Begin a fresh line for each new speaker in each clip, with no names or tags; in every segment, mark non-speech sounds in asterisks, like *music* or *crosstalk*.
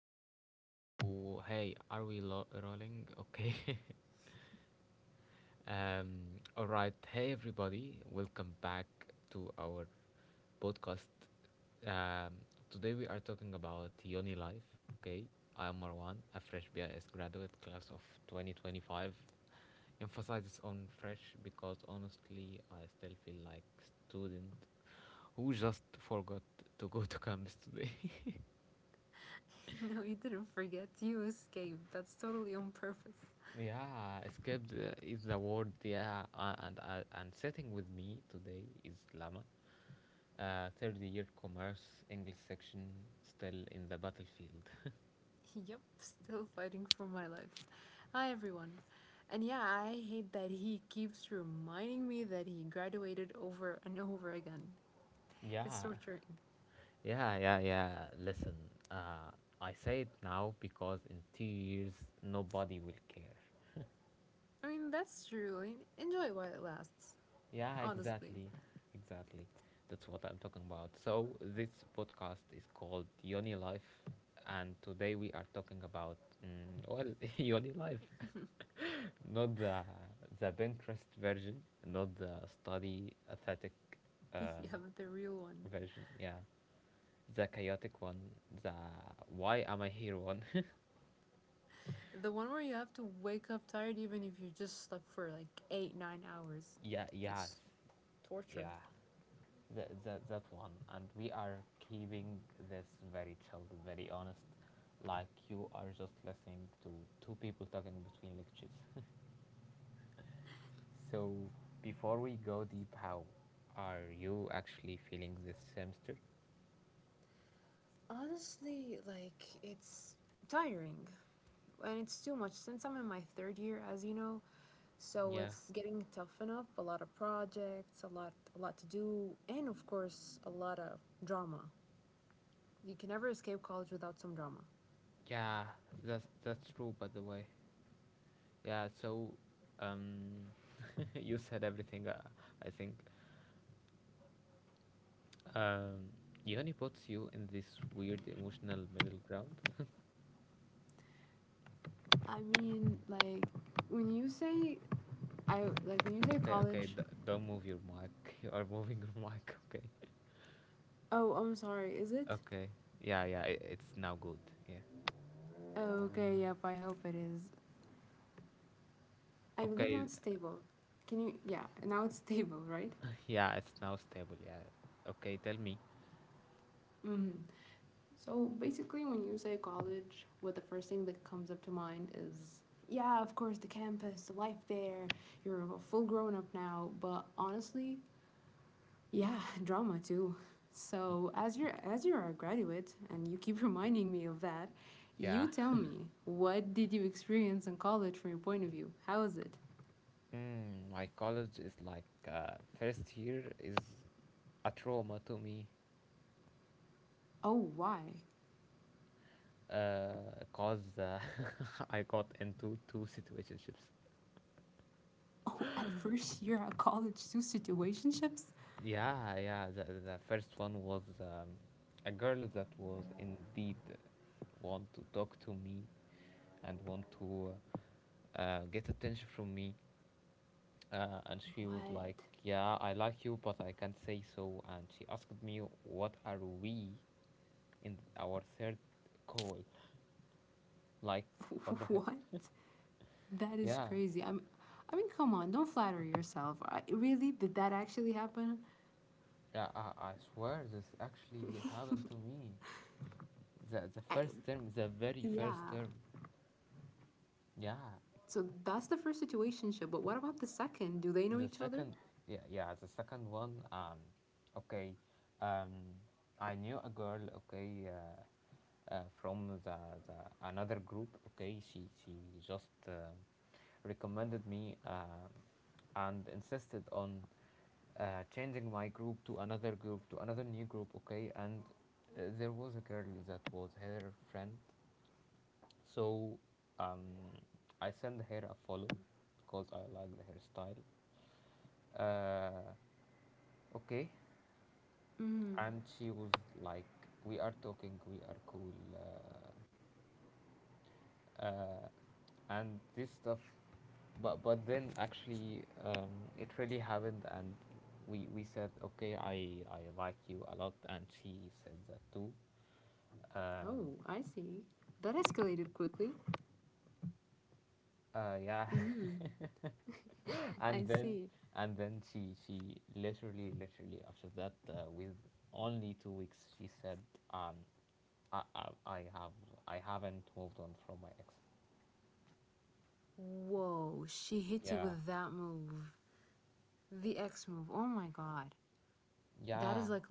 Okay. So hey, are we rolling? Okay. *laughs* All right. Hey everybody. Welcome back to our podcast. Um. Today we are talking about Yoni life. Okay. I am Marwan, a fresh BIS graduate class of 2025. Emphasizes on fresh because honestly, I still feel like student who just forgot to go to campus today. *laughs*
*laughs* No, you didn't forget. You escaped. That's totally on purpose.
Yeah, escaped is the word. Yeah, and sitting with me today is Lama, third year commerce English section, still in the battlefield.
*laughs* Yep, still fighting for my life. Hi, everyone. And yeah, I hate that he keeps reminding me that he graduated over and over again.
*laughs*
It's
Yeah,
torturing.
yeah, yeah, yeah. Listen, uh, I say it now because in 2 years nobody will care.
I mean, that's true. I mean, enjoy while it lasts.
Yeah,
Honestly.
exactly, exactly. That's what I'm talking about. So this podcast is called Yoni Life, and today we are talking about well, *laughs* Yoni Life. Not the Pinterest version, not the study aesthetic
*laughs*
uh,
Yeah, the real one.
version. Yeah, the chaotic one, the "why am I here" one. *laughs*
The one where you have to wake up tired even if you just slept for like 8 9 hours.
Yeah, yes,
It's torture.
yeah. That one. And we are keeping this very chilled, very honest, like you are just listening to two people talking between lectures. *laughs* So before we go deep, how are you actually feeling this semester?
Honestly, it's tiring, and it's too much since I'm in my third year, as you know. So
Yeah,
it's getting tough enough. A lot of projects, a lot to do, and of course, a lot of drama. You can never escape college without some drama.
yeah, that's true. By the way, yeah. So, um, *laughs* you said everything. I think, um, Yoni puts you in this weird emotional middle ground.
I mean, like when you say I like when you say
Okay, okay.
college.
Don't move your mic. *laughs* You are moving your mic. *laughs* Okay,
Oh, I'm sorry. Is it?
okay. Yeah, yeah. I it's now good. Yeah.
Oh, okay. Yep. I hope it is. I believe now
Okay.
it's stable. Can you? Yeah. Now it's stable, right?
*laughs* Yeah, it's now stable. Yeah. Okay. Tell me.
Mm-hmm. So basically, when you say college, what the first thing that comes up to mind is, yeah, of course, the campus, the life there. You're a full grown up now, but honestly, yeah, *laughs* drama too.
Y-
So as you're a graduate and you keep *laughs* reminding me of that,
Yeah.
you tell me what did you experience in college from your point of view? How is it?
My college is like, first year is a trauma to me.
Oh, why?
Cause, *laughs* I got into two situationships.
*laughs* At first year at college, two situationships.
Yeah, yeah, the first one was, a girl that was indeed want to talk to me and want to, get attention from me, and she was
What?
like, "Yeah, I like you, but I can't say so," and she asked me what are we in our third call. Like, what the
*laughs*
hell?
What? That is
Yeah,
crazy. I mean, come on, don't flatter yourself. Really, did that actually happen?
yeah, I swear this actually happened to me. The
I,
first term, the very first
yeah.
term. Yeah.
So that's the first situationship. But what about the second? Do they know
The
each other?
second Yeah, yeah, the second one. Okay. Um I knew a girl, okay, from the another group. Okay, she just recommended me, and insisted on, changing my group to another new group. Okay, and there was a girl that was her friend. So, um, I sent the hair a follow because I like the hairstyle. Uh, okay,
Mm.
and she was like, "We are talking. We are cool." Uh, and this stuff. But then actually, it really happened, and we said, "Okay, I like you a lot," and she said that too.
Oh, I see. That escalated quickly.
Yeah.
Mm.
*laughs*
I
and then
see.
and then she literally after that, with only 2 weeks she said, um I, I I have I haven't moved on from my ex.
Whoa, she hit you
Yeah.
with that move. The X move. Oh my god. That
Yeah.
is like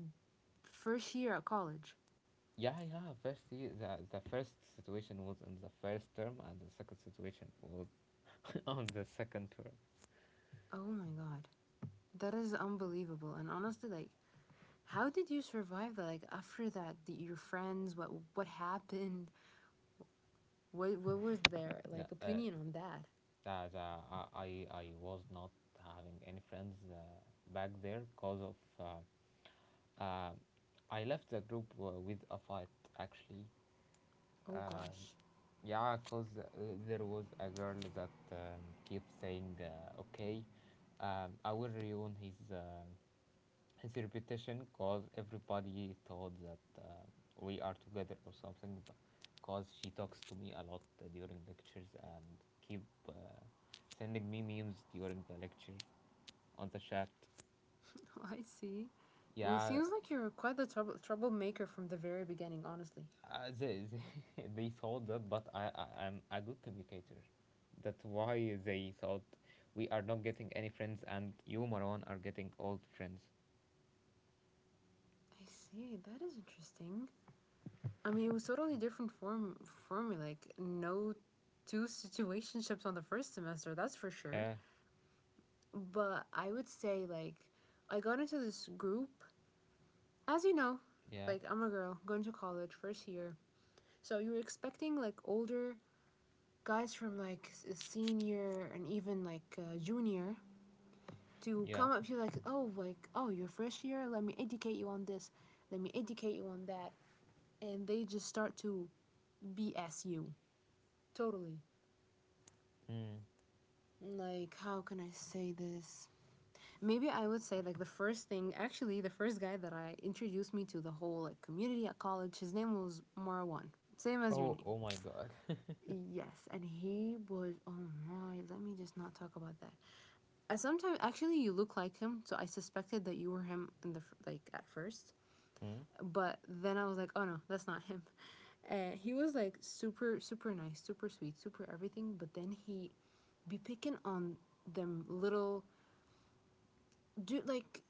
first year at college.
Yeah, yeah. First year, the first situation was in the first term and the second situation was *laughs* on the second term.
Oh my god. That is unbelievable. And honestly, like, how did you survive that? Like after that, your friends, what happened? What was their
Yeah,
like opinion on that?
I was not having any friends, back there because of, Um, I left the group, with a fight, actually.
Oh
Um,
gosh.
yeah, because, there was a girl that, kept saying, okay, I will ruin his reputation because everybody thought that, we are together or something. Because she talks to me a lot, during lectures and keep, sending me memes during the lecture on the chat.
*laughs* I see. Well, it
Yeah,
seems like you're quite the troublemaker from the very beginning, honestly.
*laughs* they thought that, but I'm a good communicator. That's why they thought we are not getting any friends and you Maron are getting old friends.
I see. That is interesting. I mean, it was totally different form for me. Like no two situationships on the first semester, that's for sure.
Yeah,
But I would say like I got into this group, as you know,
yeah,
like I'm a girl going to college first year. So you're expecting like older guys from like senior and even like junior to
yeah.
come up to you like, oh, you're fresh here. Let me educate you on this. Let me educate you on that. And they just start to BS you totally.
Mm.
Like, how can I say this? Maybe I would say like the first thing. Actually, the first guy that I introduced me to the whole like community at college, his name was Marwan. Same as your
oh
name.
oh my god.
Yes, and he was. Oh my, let me just not talk about that. Sometimes, actually, you look like him, so I suspected that you were him in the like at first.
Mm.
But then I was like, oh no, that's not him. And he was like super, super nice, super sweet, super everything. But then he be picking on them little dude, like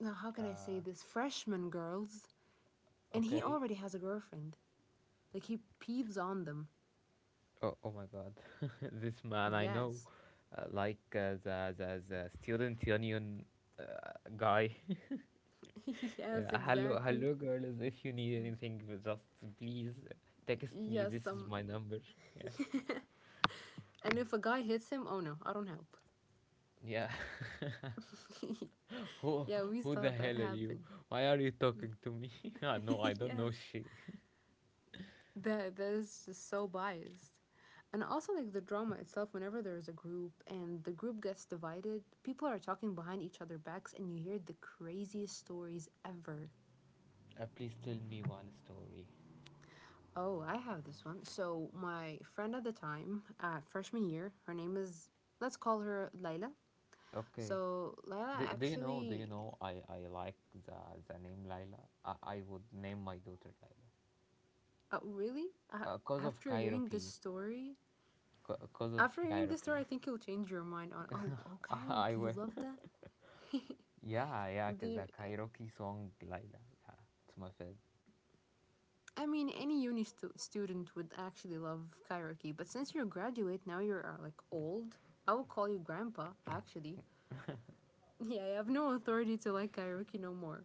now how can I say
uh
this, freshman girls, and he
okay.
already has a girlfriend. Like he peeves on them.
Oh my god. *laughs* This man I know.
Yes.
Like, the student union, guy.
*laughs*
Yeah,
Yes,
hello,
exactly.
hello, girls. If you need anything, just please text me.
Yes,
This is
some.
my number. Yeah,
And if a guy hits him, oh no, I don't help.
yeah.
*laughs*
*laughs* Who,
Yeah, we
who the
saw that
hell are you?
happen.
Why are you talking to me? *laughs* Ah, no, I
*laughs*
don't know
Yes.
shit.
That that is just so biased. And also like the drama itself, whenever there's a group and the group gets divided, people are talking behind each other backs and you hear the craziest stories ever.
Please tell me one story.
Oh, I have this one. So my friend at the time, freshman year, her name is, let's call her Layla.
Okay.
So Layla
Do you know? Do you
actually,
know? I like the the name Laila. I would name my daughter Laila.
really,
Cause of
after hearing this
karaoke.
story,
Cause of
after hearing this
karaoke.
story, I think you'll change your mind on oh, oh,
*laughs* I
karaoke, you
will.
love that.
Yeah, yeah, because
The,
the karaoke song Laila. Yeah, it's my favorite.
I mean, any uni student would actually love karaoke, but since you're a graduate now, you are like old. I will call you grandpa. Actually, *laughs* yeah, I have no authority to like karaoke no more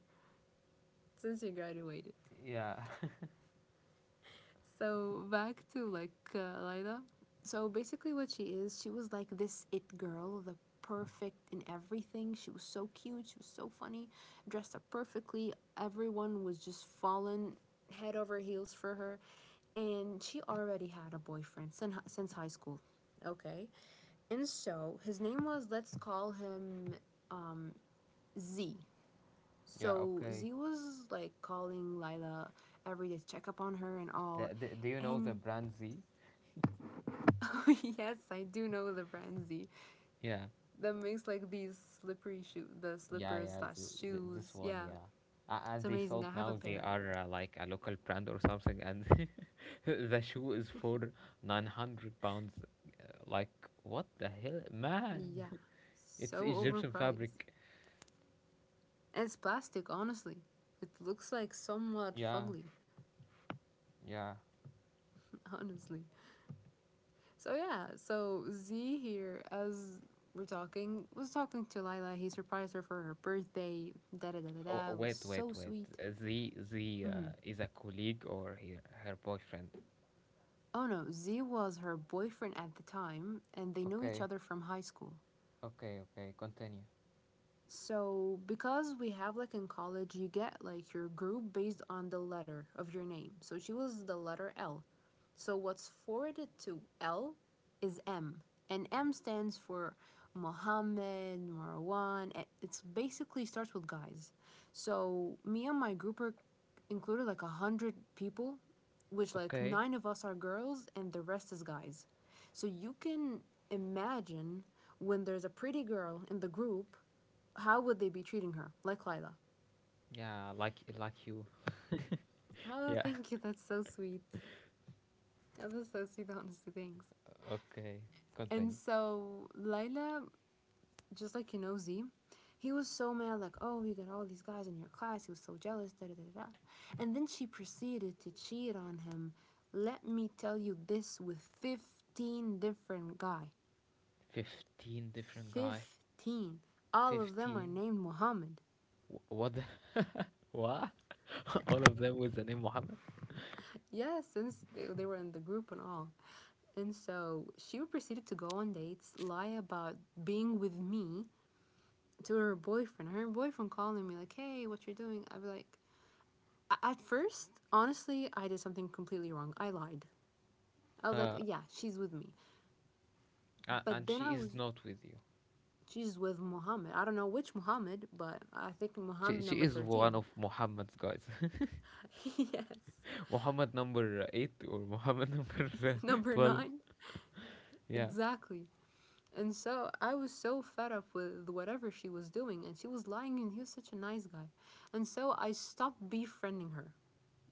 since you graduated.
Yeah, *laughs*
So back to like Lida. So basically, what she is, she was like this it girl, the perfect in everything. She was so cute. She was so funny, dressed up perfectly. Everyone was just falling head over heels for her, and she already had a boyfriend since high school. Okay, and so his name was, let's call him Z.
yeah,
So
okay.
Z was like calling Lila every day to check up on her and all,
Do you know the
and
brand Z?
*laughs* yes, I do know the brand Z.
Yeah,
That makes like these slippery shoe, the
yeah,
slippers
yeah,
slash
this
shoes.
one,
Yeah,
yeah.
it's
And they
amazing.
sold
I have a
now, they
pair.
are, like, a local brand or something, and *laughs* the shoe is for 900 pounds. Like, what the hell? Man,
Yeah,
*laughs* it's
so
Egyptian
overpriced.
fabric.
And it's plastic, honestly. It looks like somewhat
Yeah,
fugly,
yeah.
*laughs* honestly. So yeah, so Z here as we're talking was talking to Lila. He surprised her for her birthday. Da da da da
Oh,
da. It was
Wait, wait,
so
wait.
sweet.
Z
Mm-hmm.
is a colleague or her boyfriend?
Oh no, Z was her boyfriend at the time, and they knew each
Okay,
other from high school.
okay, okay, continue.
So, because we have like in college, you get like your group based on the letter of your name. So she was the letter L. So what's forwarded to L is M, and M stands for Mohammed, Marwan, and it's basically starts with guys. So me and my group are included like a hundred people, which like
Okay.
nine of us are girls and the rest is guys. So you can imagine when there's a pretty girl in the group how would they be treating her? Like Lila.
Yeah, like you.
Oh,
Yeah.
thank you. That's so sweet. That was so sweet, honestly. Thanks.
Okay.
And
Continue.
so Lila, just like you know, Z, he was so mad, like, oh, you got all these guys in your class. He was so jealous, da da da da. And then she proceeded to cheat on him. Let me tell you this with 15 different guy.
15 different guy.
15. All of them are
15.
named Muhammad.
What? The? *laughs* What? *laughs* All of them with the name Muhammad.
Yes, since they were in the group and all. And so she proceeded to go on dates, lie about being with me to her boyfriend. Her boyfriend calling me like, "Hey, what you're doing?" I'd be like, at first, honestly, I did something completely wrong. I lied. I was like,
Uh,
"Yeah, she's with me,"
a-
but
and
then I
she
was.
is not with you.
She's with Muhammad. I don't know which Muhammad, but I think
She
Muhammad
she
number
is one
13.
of Muhammad's guys.
*laughs* Yes.
*laughs* Muhammad number eight or Muhammad *laughs* number,
Number
12.
9?
Yeah.
Exactly. And so I was so fed up with whatever she was doing, and she was lying, and he was such a nice guy. And so I stopped befriending her.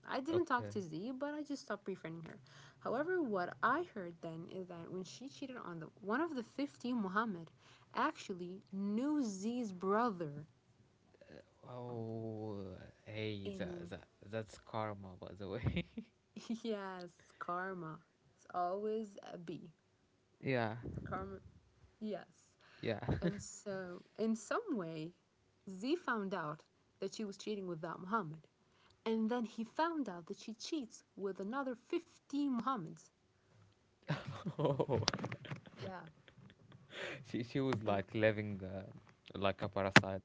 I didn't talk
Okay.
to Z, but I just stopped befriending her. However, what I heard then is that when she cheated on the one of the 15 Muhammad actually knew Z's brother
Oh, hey, that,
in.
that that's karma, by the way.
*laughs* Yes, karma. It's always a B.
*laughs* Yeah,
Karma yes.
yeah.
And so, in some way, Z found out that she was cheating with that Muhammad. And then he found out that she cheats with another 15 Muhammads.
*laughs* Oh,
Yeah.
*laughs* she was
And
like living, like a parasite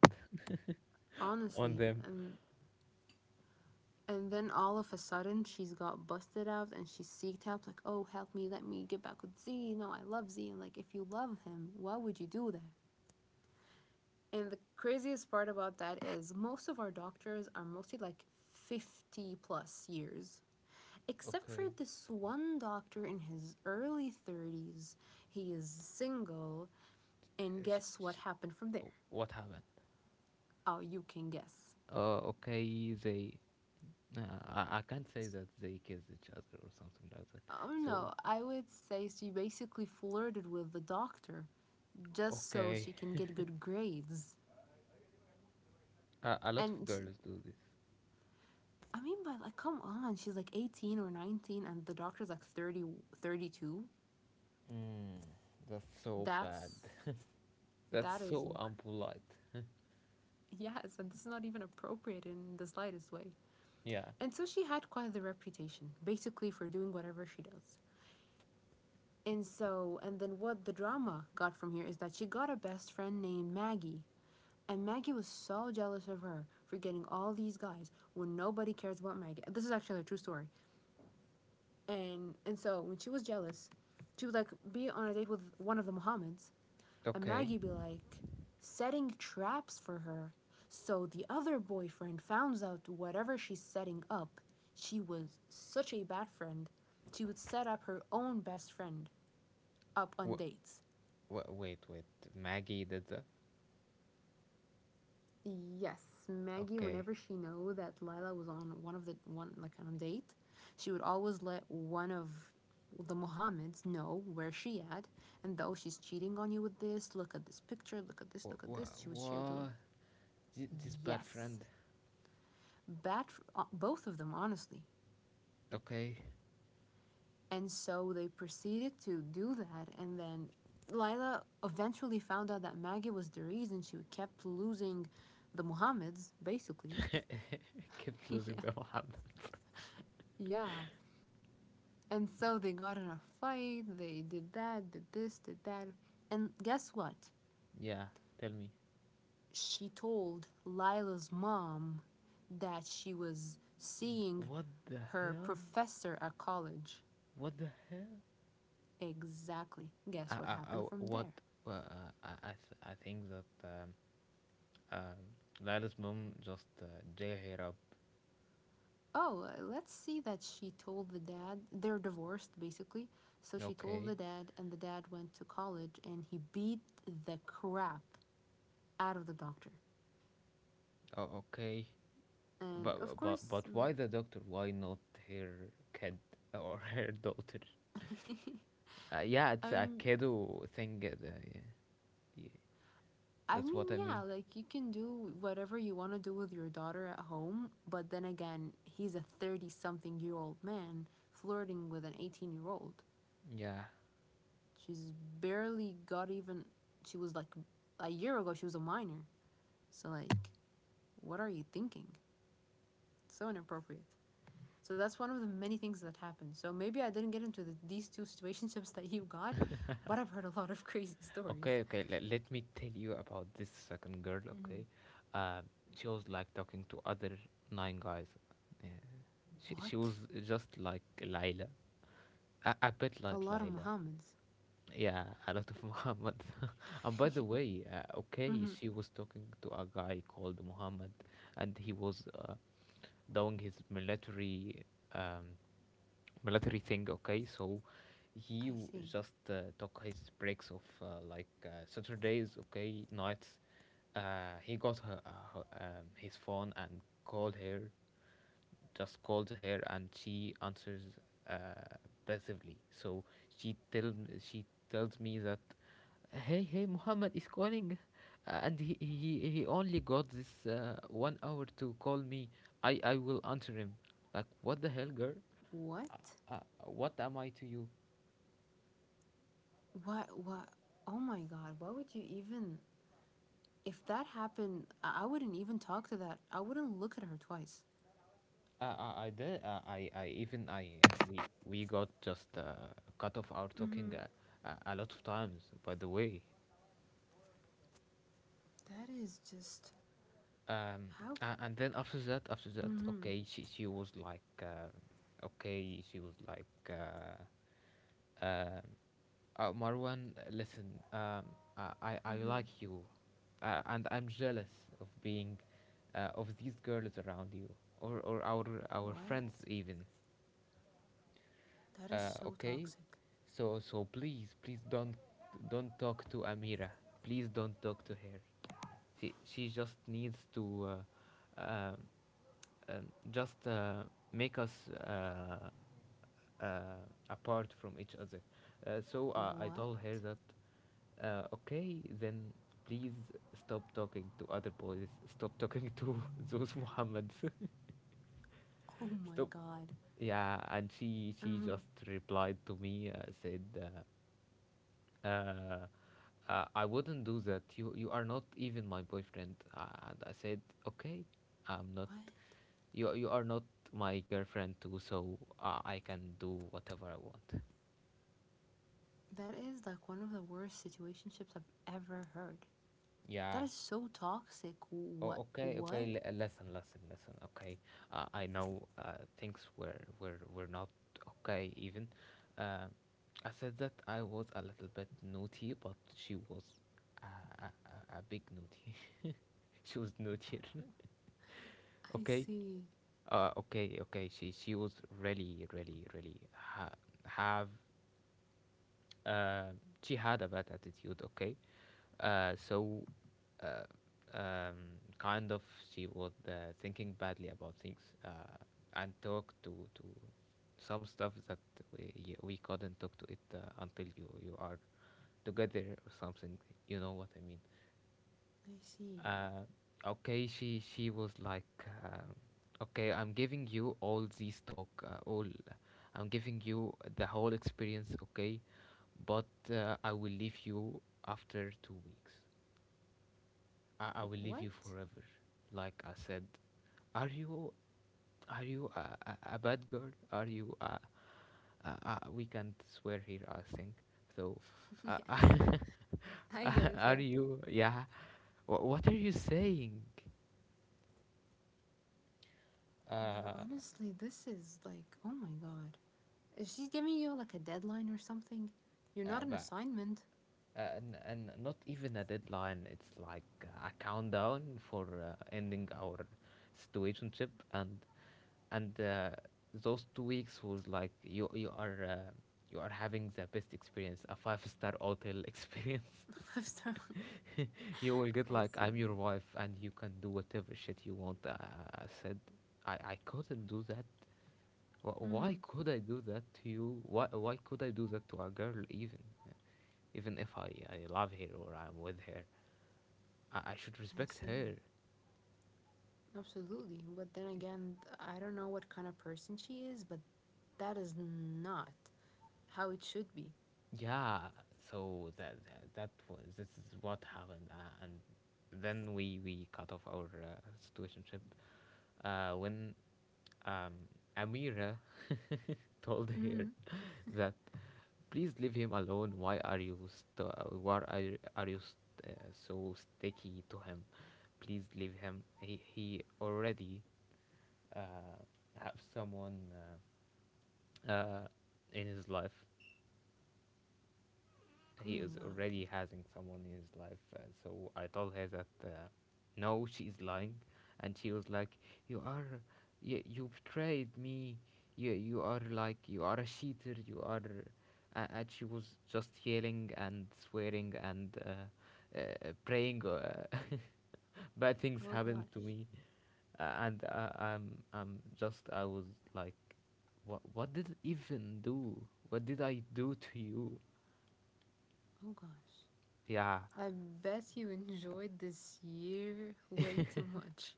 on
honestly,
them.
and then all of a sudden she's got busted out and she seeked help like, "Oh, help me, let me get back with Z. No, I love Z." And like, if you love him, why would you do that? And the craziest part about that is most of our doctors are mostly like 50 plus years, except for
Okay.
this one doctor in his early 30s, he is single, and
Sh-
guess what
sh-
happened from there?
what happened?
Oh, you can guess.
Okay, they. I can't say that they kissed each other or something like that.
Oh
So,
no, I would say she basically flirted with the doctor just so
okay.
she can get good grades.
A lot of
And she,
girls do this.
I mean, but like, come on, she's like 18 or 19, and the doctor's like 30, 32.
Mm, that's so bad.
That's,
That's
that is,
so
inc-
unpolite.
yes, and this is not even appropriate in the slightest way.
Yeah.
And so she had quite the reputation, basically, for doing whatever she does. And then what the drama got from here is that she got a best friend named Maggie. And Maggie was so jealous of her for getting all these guys when nobody cares about Maggie. This is actually a true story. And so when she was jealous, she would like be on a date with one of the Muhammads. And
Okay.
Maggie be like, setting traps for her. So the other boyfriend finds out whatever she's setting up. She was such a bad friend. She would set up her own best friend up on
Wha
dates.
wait, wait. Maggie did that?
Yes, Maggie.
Okay.
Whenever she knew that Lila was on one of the one like on a date, she would always let one of the Mohammeds know where she at. And though she's cheating on you with this, look at this picture, look at this,
Wha
look at this.
wha-
She would share the
wha- This bad
yes.
friend.
Bad for both of them, honestly.
Okay.
And so they proceeded to do that, and then Lila eventually found out that Maggie was the reason she kept losing the Muhammads, basically.
I kept
*laughs*
losing
Yeah,
the *laughs* one.
yeah. And so they got in a fight, they did that, did this, did that. And guess what?
Yeah, tell me.
She told Lila's mom that she was seeing
What the
her
hell?
professor at college.
What the hell?
Exactly.
I,
Guess what happened
I-
from
what
there?
Well, I think that, uh, Lila's mom just, jail her up.
Oh, let's see that she told the dad. They're divorced, basically. So she told
Okay,
the dad, and the dad went to college and he beat the crap out of the doctor.
oh, okay,
And
but
of
but
course,
but why
I'm.
the doctor? Why not her kid or *laughs* her daughter?
Like,
Yeah,
*laughs*
it's a
I'm.
kiddo thing. Yeah, yeah,
I
that's what
mean,
I
yeah,
mean.
like you can do whatever you want to do with your daughter at home, but then again, he's a 30 something year old man flirting with an 18-year-old.
Yeah.
She's barely got even. She was like. A year ago, she was a minor. So, like, what are you thinking? It's so inappropriate. So that's one of the many things that happened. So maybe I didn't get into these two situationships that you got, but I've heard a lot of *laughs* crazy stories.
Okay, okay. Let me tell you about this second girl. Okay, uh, she was like talking to other nine guys. Yeah. She
What?
was just like Laila. A bit
A
like
lot of
Laila.
Muhammads.
Yeah, a lot of Muhammad. *laughs* And by the way,
*laughs*
okay,
Hmm.
she was talking to a guy called Muhammad, and he was, doing his um, military thing. Okay, so
I
he w-
see.
just took his breaks of, like, Saturdays. Okay, nights. He got her, her his phone and called her just calls her, and she answers, uh, passively. So she tell she tells me that, hey Muhammad is calling, and he only got this, 1 hour to call me. I will answer him. Like, what the hell, girl?
What?
What am I to you?
What? What? Oh my God! Why would you even? If that happened, I wouldn't even talk to that. I wouldn't look at her twice.
I did. I even I we got just, cut off our
Mm-hmm.
talking, a lot of times. By the way.
That is just
um
how.
and then after that,
Mm-hmm.
okay, she was like, okay, she was like, uh, uh, uh, Marwan, listen, I
Mm-hmm.
like you, and I'm jealous of being, of these girls around you or our
What?
friends even.
That is so
Okay.
toxic.
So please, please don't talk to Amira. Please don't talk to her. She just needs to, um, just, make us, uh, apart from each other. So, I
What?
told her that, okay, then please stop talking to other boys. Stop talking to *laughs* those Muhammads.
Oh
*laughs*
my
Stop.
god.
Yeah, and she
Um,
just replied to me, said, uh, uh, "I wouldn't do that. You are not even my boyfriend." And I said, "Okay, I'm not.
what?
You are not my girlfriend too, so, I can do whatever I want."
That is like one of the worst situationships I've ever heard. That
Yeah.
is so toxic.
Oh,
What?
okay, okay.
What?
Listen, listen, listen. Okay, I know, things were not okay. Even, uh, I said that I was a little bit naughty, but she was a a, a big naughty. *laughs* She was naughtier. *laughs*
I
Okay,
see.
okay, okay. She was really, really, really ha- have uh, she had a bad attitude, okay. Uh, so uh, um, kind of she was, thinking badly about things, and talk to some stuff that we couldn't talk to it, until you are together or something, you know what I mean.
I see.
uh, okay, she was like, uh, okay, I'm giving you all these talk, all I'm giving you the whole experience, okay, but I will leave you after 2 weeks. I will leave
What?
you forever, like I said. Are you a bad girl? Are you a, we can't swear here, I think, so.
*laughs* Yes.
uh, *laughs*
I get it, yeah.
are you, yeah. What are you saying?
No,
uh
honestly, this is like, oh my god. Is she giving you like a deadline or something? You're not an
But,
assignment.
and not even a deadline. It's like, a countdown for, ending our situationship, and those 2 weeks was like, you are, you are having the best experience, a five-star hotel *laughs* experience.
*laughs* Five star.
*laughs* You will get
I
like,
see.
I'm your wife, and you can do whatever shit you want. I said, I couldn't do that. Why
Mm-hmm.
could I do that to you? Why could I do that to a girl, even? Even if I love her, or I'm with her, I should
I
respect
see.
her.
Absolutely. But then again, I don't know what kind of person she is, but that is not how it should be.
Yeah. So that that, that was this is what happened, and then we cut off our situationship, when, um Amira *laughs* told her
Mm-hmm.
*laughs* that, please leave him alone, why are you, why are you, so sticky to him? Please leave him, he already, uh have someone, uh, uh in his life.
Oh
He
my
is
god.
already having someone in his life. So I told her that, no, she is lying. And she was like, "You are, you betrayed me. You are like, you are a cheater. You are," and she was just yelling and swearing and, praying. *laughs* Bad things
Oh gosh.
happened to me, and I'm just I was like, what did I even do? What did I do to you?
Oh gosh.
Yeah.
I bet you enjoyed this year way too much.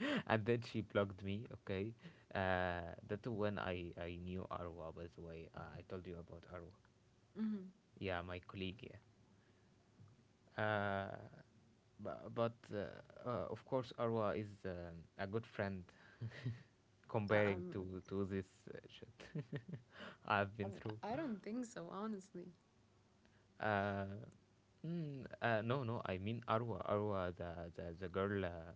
*laughs* And then she blocked me, okay. That's when I knew Arwa, by the way. I told you about Arwa.
Mm-hmm.
Yeah, my colleague. Yeah. uh bu- but Of course, Arwa is, a good friend, *laughs*
I-
comparing
I'm,
to this, shit, *laughs* I've been
I'm.
through.
I don't think so, honestly.
uh, no, no, I mean, Arwa, the girl,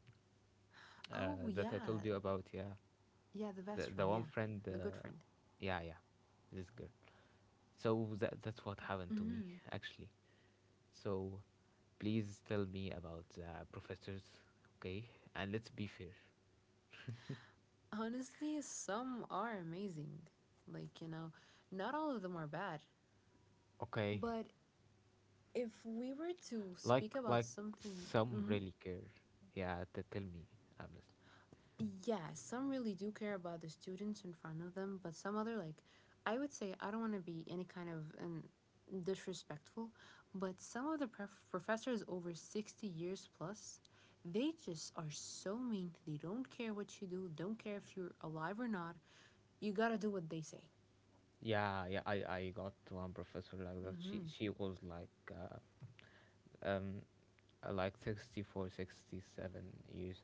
Oh
that I
yeah,
told you about. Yeah.
yeah. The
the,
best
the
friend.
one
Yeah,
friend,
the good friend.
yeah, yeah, this girl. So that's what happened to me,
Mm-hmm.
actually. So please tell me about the professors, okay? And let's be fair,
Honestly, some are amazing. Like you know, not all of them are bad.
okay?
But if we were to speak
Like
about
like
something,
some
hmm.
really care. Yeah, tell me, I'm listening.
Yeah, some really do care about the students in front of them, but some other like I would say I don't want to be any kind of an disrespectful, but some of the professors over 60 years plus, they just are so mean. They don't care what you do, don't care if you're alive or not. You got to do what they say.
Yeah, yeah. I got one professor like that. She
Mhm.
she was like, um, like 64, 67 years.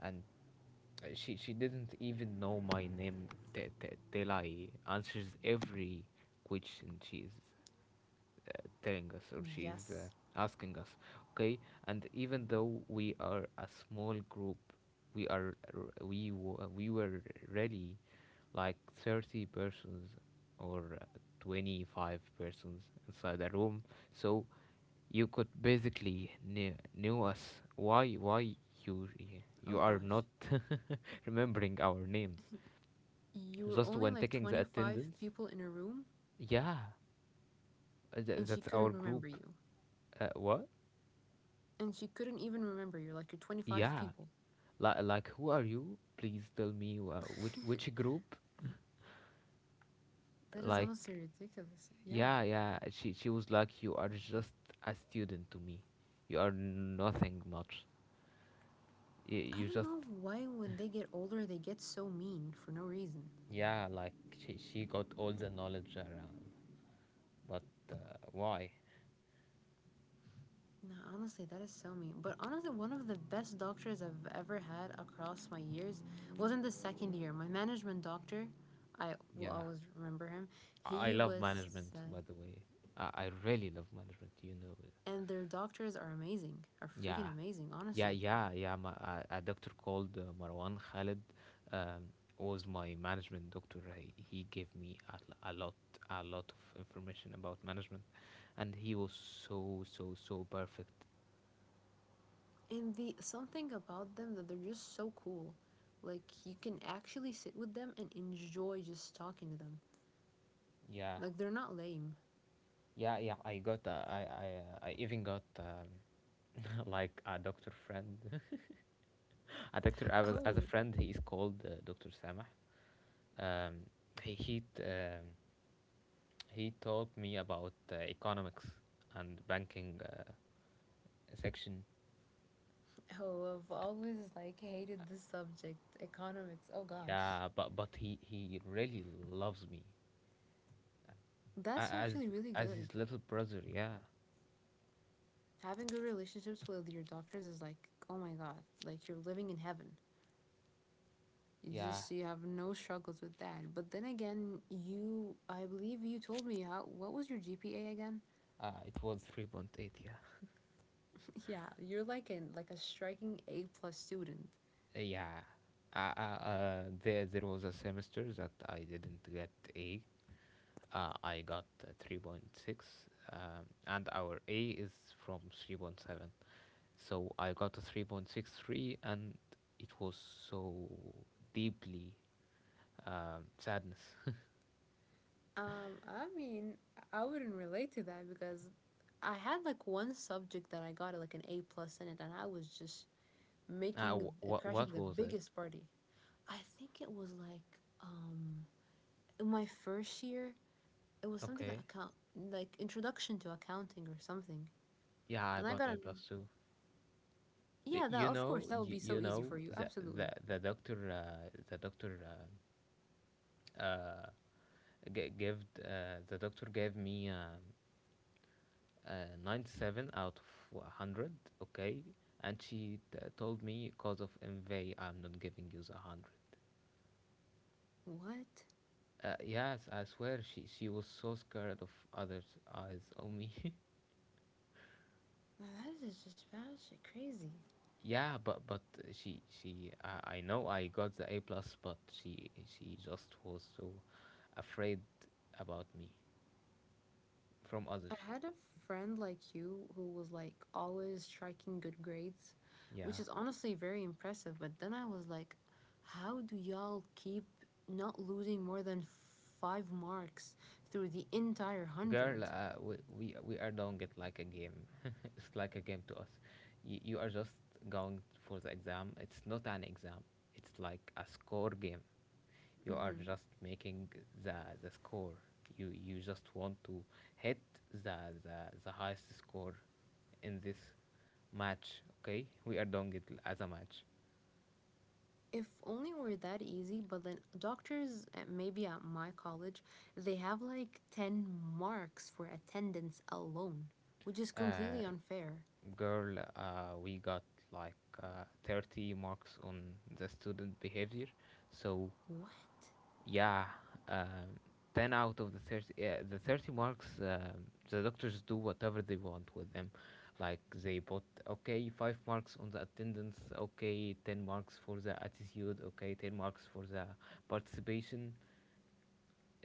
And, she didn't even know my name. Telai answers every question. She's, telling us, or she is,
Yes.
asking us, okay. And even though we are a small group, we are r- we w- we were really like 30 persons, or, 25 persons inside a room. So you could basically knew us. Why you
Oh
you are
gosh.
not *laughs* remembering our name,
You were
just
only
when
like
taking the
25
attendance.
people in a room
Yeah,
and she
that's
couldn't
our
remember
group.
you.
What?
And she couldn't even remember you like you're 25
Yeah,
people.
like who are you? Please tell me, which
*laughs*
group?
That is
Like,
honestly ridiculous. Yeah.
yeah, yeah. She was like, you are just a student to me. You are nothing much. You,
I
you
don't
just,
know why when they get older they get so mean for no reason.
yeah, like she got all the knowledge around. But, why?
No, honestly, that is so mean. But honestly, one of the best doctors I've ever had across my years was in the second year. My management doctor, I will
Yeah.
always remember him.
I
He
love
was,
management,
uh,
by the way. I really love management.
and their doctors are amazing, are freaking
Yeah,
amazing,
yeah,
honestly.
yeah, yeah. A doctor called, Marwan Khalid, um, was my management doctor. He gave me a lot of information about management, and he was so, so, so perfect.
And the something about them that they're just so cool. Like you can actually sit with them and enjoy just talking to them.
Yeah,
Like they're not lame.
yeah, yeah. I even got, *laughs* like a doctor friend, *laughs* a doctor, as a
Oh,
friend. He is called, Doctor Samah. Um, he he, t- um he taught me about, economics and banking. Section.
oh, I've always like hated this subject, economics. Oh gosh.
Yeah, but he really loves me,
That's actually really
as
good.
his little brother. Yeah,
Having good relationships with your doctors is like, oh my god, like you're living in heaven. You
yeah.
just you have no struggles with that. But then again, you I believe you told me how what was your GPA again?
It was 3.8. Yeah,
*laughs* Yeah, you're like in like a striking A plus student.
yeah. There was a semester that I didn't get A. I got, 3.6, and our A is from 3.7. So I got a 3.63, and it was so deeply, sadness.
I mean, I wouldn't relate to that because I had like one subject that I got like an A plus in it, and I was just
*laughs*
making crashing
What
the
was it?
biggest party. I think it was like um in my first year. It was something like
Okay.
account like introduction to accounting or something.
Yeah, I
And I
got
got
A
an
plus too.
yeah, that
You
of course
know,
that would be so easy for you. Absolutely.
the doctor uh, g- gave the doctor gave me, 97 out of 100, okay? And she, told me, because of MV I'm not giving you the 100.
What?
Yes, I swear, she was so scared of others' eyes on me. *laughs*
Well, that is just batshit crazy.
Yeah, but I know I got the A plus, but she just was so afraid about me from
I
others.
had a friend like you who was like always striking good grades, which
Yeah,
is honestly very impressive. But then I was like, how do y'all keep not losing more than five marks through the entire
girl.
100.
We are doing it like a game. *laughs* It's like a game to us. You are just going for the exam. It's not an exam. It's like a score game. You are
Mm-hmm.
just making the score. You just want to hit the highest score in this match. Okay, we are doing it as a match.
If only were that easy, but then doctors, at- maybe at my college, they have like 10 marks for attendance alone, which is
uh
completely unfair.
Girl, we got like, 30 marks on the student behavior, so.
What?
Yeah. Um, 10 out of the 30, yeah, the 30 marks, the doctors do whatever they want with them. Like they put, okay, five marks on the attendance, okay, 10 marks for the attitude, okay, 10 marks for the participation.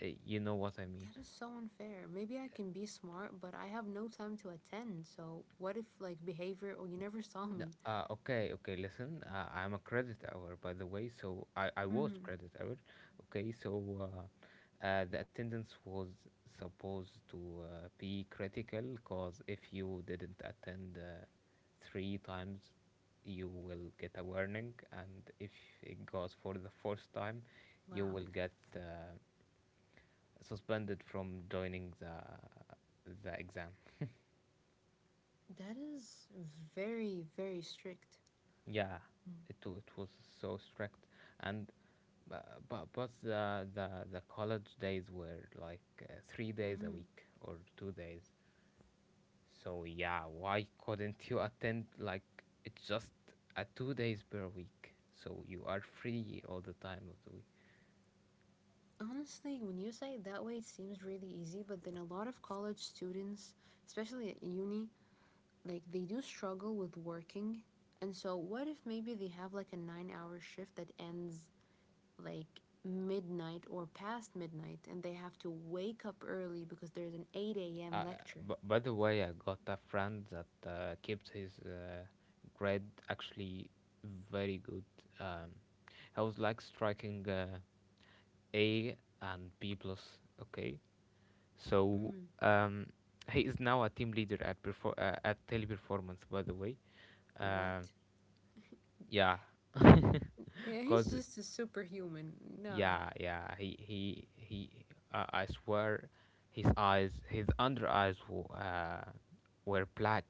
You know what I mean.
That is so unfair. Maybe I can be smart, but I have no time to attend. So what if like behavior? Oh, you never *laughs* saw
No.
me.
Okay, okay, listen, I'm a credit hour, by the way, so, I was
Mm,
credit hour. Okay, so, the attendance was supposed to, be critical, because if you didn't attend, three times, you will get a warning. And if it goes for the fourth time, you
wow,
will get, suspended from joining the exam.
that is very very strict.
Yeah, it was so strict, and, but the college days were like, 3 days a
Mm-hmm.
week, or 2 days. So yeah, why couldn't you attend? Like, it's just a 2 days per week, so you are free all the time of the week.
Honestly, when you say it that way, it seems really easy. But then a lot of college students, especially at uni, like they do struggle with working. And so what if maybe they have like a 9 hour shift that ends like midnight or past midnight and they have to wake up early because there's an 8 a.m.
Uh,
lecture.
by the way, I got a friend that, kept his, grade actually very good. Um, I was like striking, A and B plus. Okay, so,
Mm,
um, he is now a team leader at, Teleperformance, by the way.
what?
um, yeah,
Yeah, he's
*laughs* cause,
just a superhuman. Nah.
yeah, yeah, he he. I swear, his eyes, his under eyes, were black.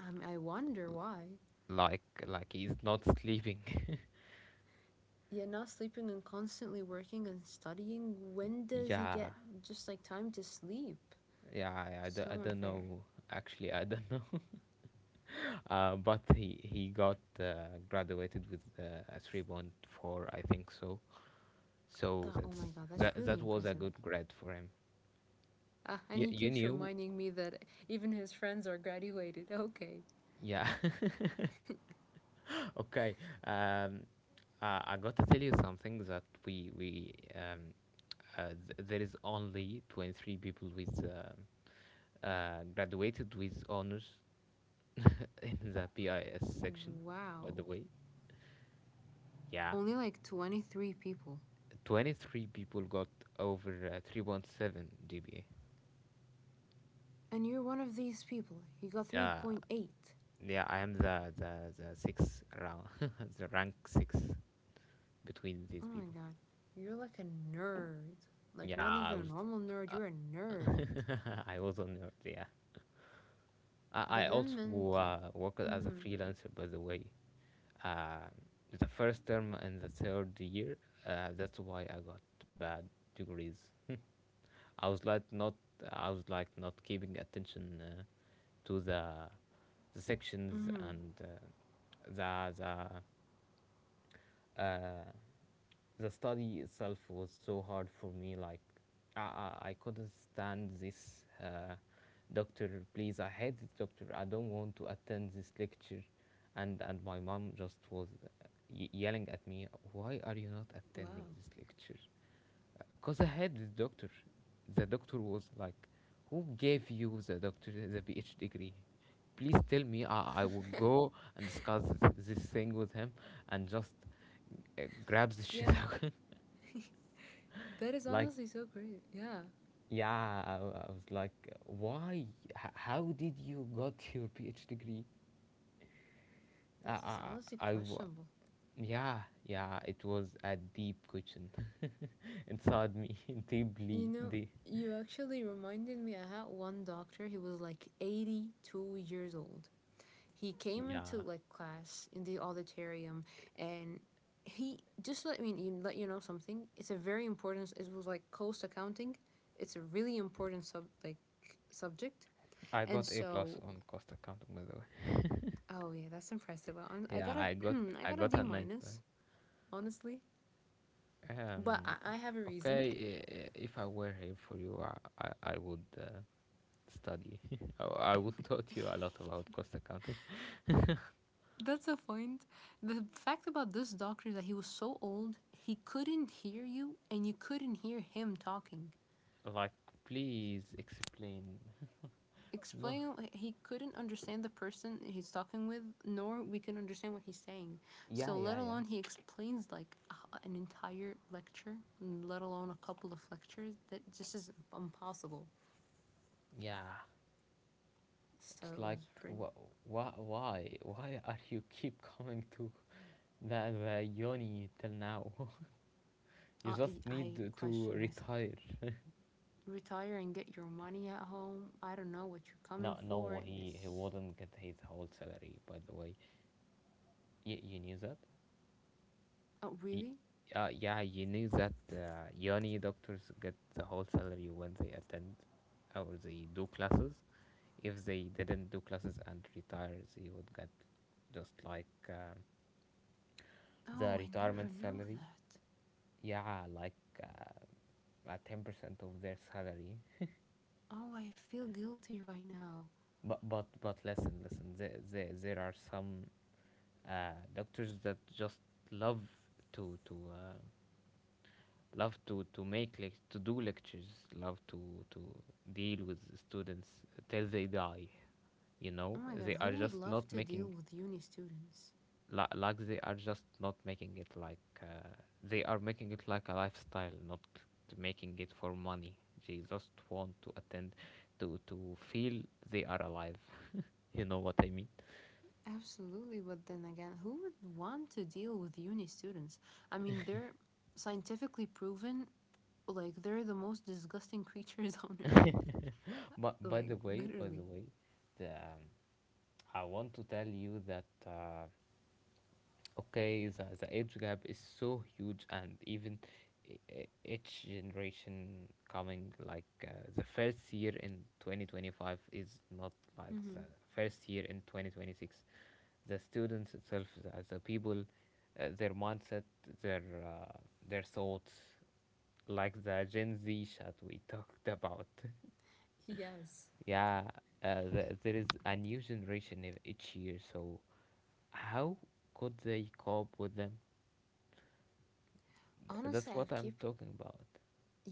I wonder why.
Like, he's not sleeping. *laughs*
Yeah, not sleeping and constantly working and studying. When does he
Yeah,
get just like time to sleep?
yeah, I
So
don't
unfair.
know, actually. I don't know *laughs* But he got, graduated with, a 3.4, I think. So,
That, oh my
that's,
god, that's
that
really
that was a
impressive.
good grade for him.
Ah, and
you,
he
you
keeps
knew.
reminding me that even his friends are graduated. Okay.
Yeah. *laughs* *laughs* Okay. Um, I got to tell you something, that there is only 23 people with, graduated with honors, *laughs* in the PIS section, by
Wow.
the way. Yeah,
Only like 23 people.
23 people got over, 3.7 GPA.
And you're one of these people. You got
Uh,
3.8. Oh
yeah, I am the sixth round, *laughs* the rank six between these
my
people.
god. You're like a nerd. Like,
Yeah,
not
I
even a
was.
normal nerd,
Uh,
you're a nerd.
*laughs* I was a nerd. Yeah, I
But then
also,
mention.
worked as a
Mm
freelancer, by the way, uh, the first term and the third year. That's why I got bad degrees. *laughs* I was like not. I was like not keeping attention, to the
hmm. Mm
sections
hmm.
and, the the uh, the study itself was so hard for me. Like, I, I couldn't stand this, doctor. Please, I hate this doctor. I don't want to attend this lecture. And my mom just was, yelling at me, "Why are you not
Wow.
attending this lecture?" Because I had the doctor. The doctor was like, who gave you the doctor the PhD degree? Please tell me, I will
*laughs*
go and discuss this thing with him, and just, grabs the shit
Yeah.
out.
*laughs* That is
*laughs* Like,
honestly so great. Yeah.
yeah, I was like, why? How did you got your PhD degree? Uh, I,
That's honestly
I, I, wa-
questionable.
yeah, yeah, it was a deep question *laughs* inside me, *laughs*
You
deeply,
know,
deep.
you actually reminded me, I had one doctor, he was like 82 years old. He came into
Yeah,
like class in the auditorium and he just let me you let you know something it's a very important it was like cost accounting it's a really important sub like subject
I
and
got A plus
so
on cost accounting, by the way.
oh yeah that's impressive
Yeah,
got a *clears throat* I
I
got a
got
d
a 90, but,
minus honestly but
Um,
I have a reason.
okay, if I were here for you, I would, study. *laughs* I would taught you a lot about cost accounting.
That's a point the fact about this doctor that he was so old he couldn't hear you and you couldn't hear him talking.
Like, please explain. No,
Explain like, he couldn't understand the person he's talking with nor we can understand what he's saying.
yeah,
So let
yeah,
alone he
yeah,
explains like an entire lecture let alone a couple of lectures that just is impossible.
yeah,
So
it's
it
like,
was pretty
wh- why are you keep coming to the yoni till now? *laughs* You
uh,
just
I
need to
question myself.
retire. *laughs*
Retire and get your money at home, I don't know what you're coming
No, no,
for
he
this.
wouldn't get his whole salary, by the way. You knew that?
Oh
Y
really.
Yeah, you knew that, uni doctors get the whole salary when they attend, or they do classes. If they didn't do classes and retire, they would get just like the
Oh I
retirement
never knew
salary.
that.
Yeah, like 10% of their salary.
Oh I feel guilty right now.
But listen, listen. There are some doctors that just love to love to to do lectures, love to deal with students till they die. You
Oh
know,
my god
they are
who would
just
love
not
to deal
making
with uni students.
like they are just not making it like they are making it like a lifestyle, not making it for money. They just want to attend to feel they are alive. *laughs* You know what I mean?
Absolutely, but then again, who would want to deal with uni students? I mean, they're scientifically proven, like, they're the most disgusting creatures *laughs* on earth.
But
Like,
by the
literally.
way, the I want to tell you that okay, the age gap is so huge, and even each generation coming, like the first year in 2025 is not like the
Hmm.
first year in 2026. The students itself, the people, their mindset, their uh, their thoughts, like the Gen Z chat we talked about. *laughs*
Yes.
Yeah, there is a new generation each year, so how could they cope with them?
Honestly,
That's what
I've
I'm
keep.
talking about.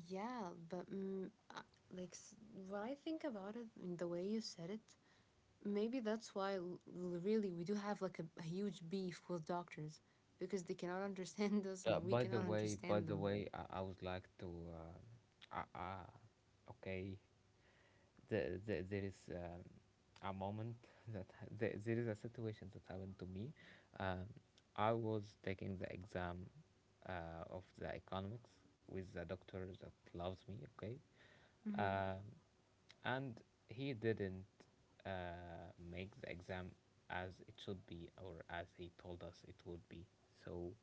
Yeah, but mm, uh, like, s- what I think about it, and the way you said it, maybe that's why, l- really, we do have, like, a huge beef with doctors, because they cannot *laughs* understand us and we
By the
cannot
way, by
understand
the
them.
way, I would like to. Uh, uh, uh, okay, there is a moment *laughs* that there is a situation that happened to me. Um, I was taking the exam of the economics with the doctor that loves me. Okay,
Hmm.
uh, and he didn't make the exam as it should be or as he told us it would be. So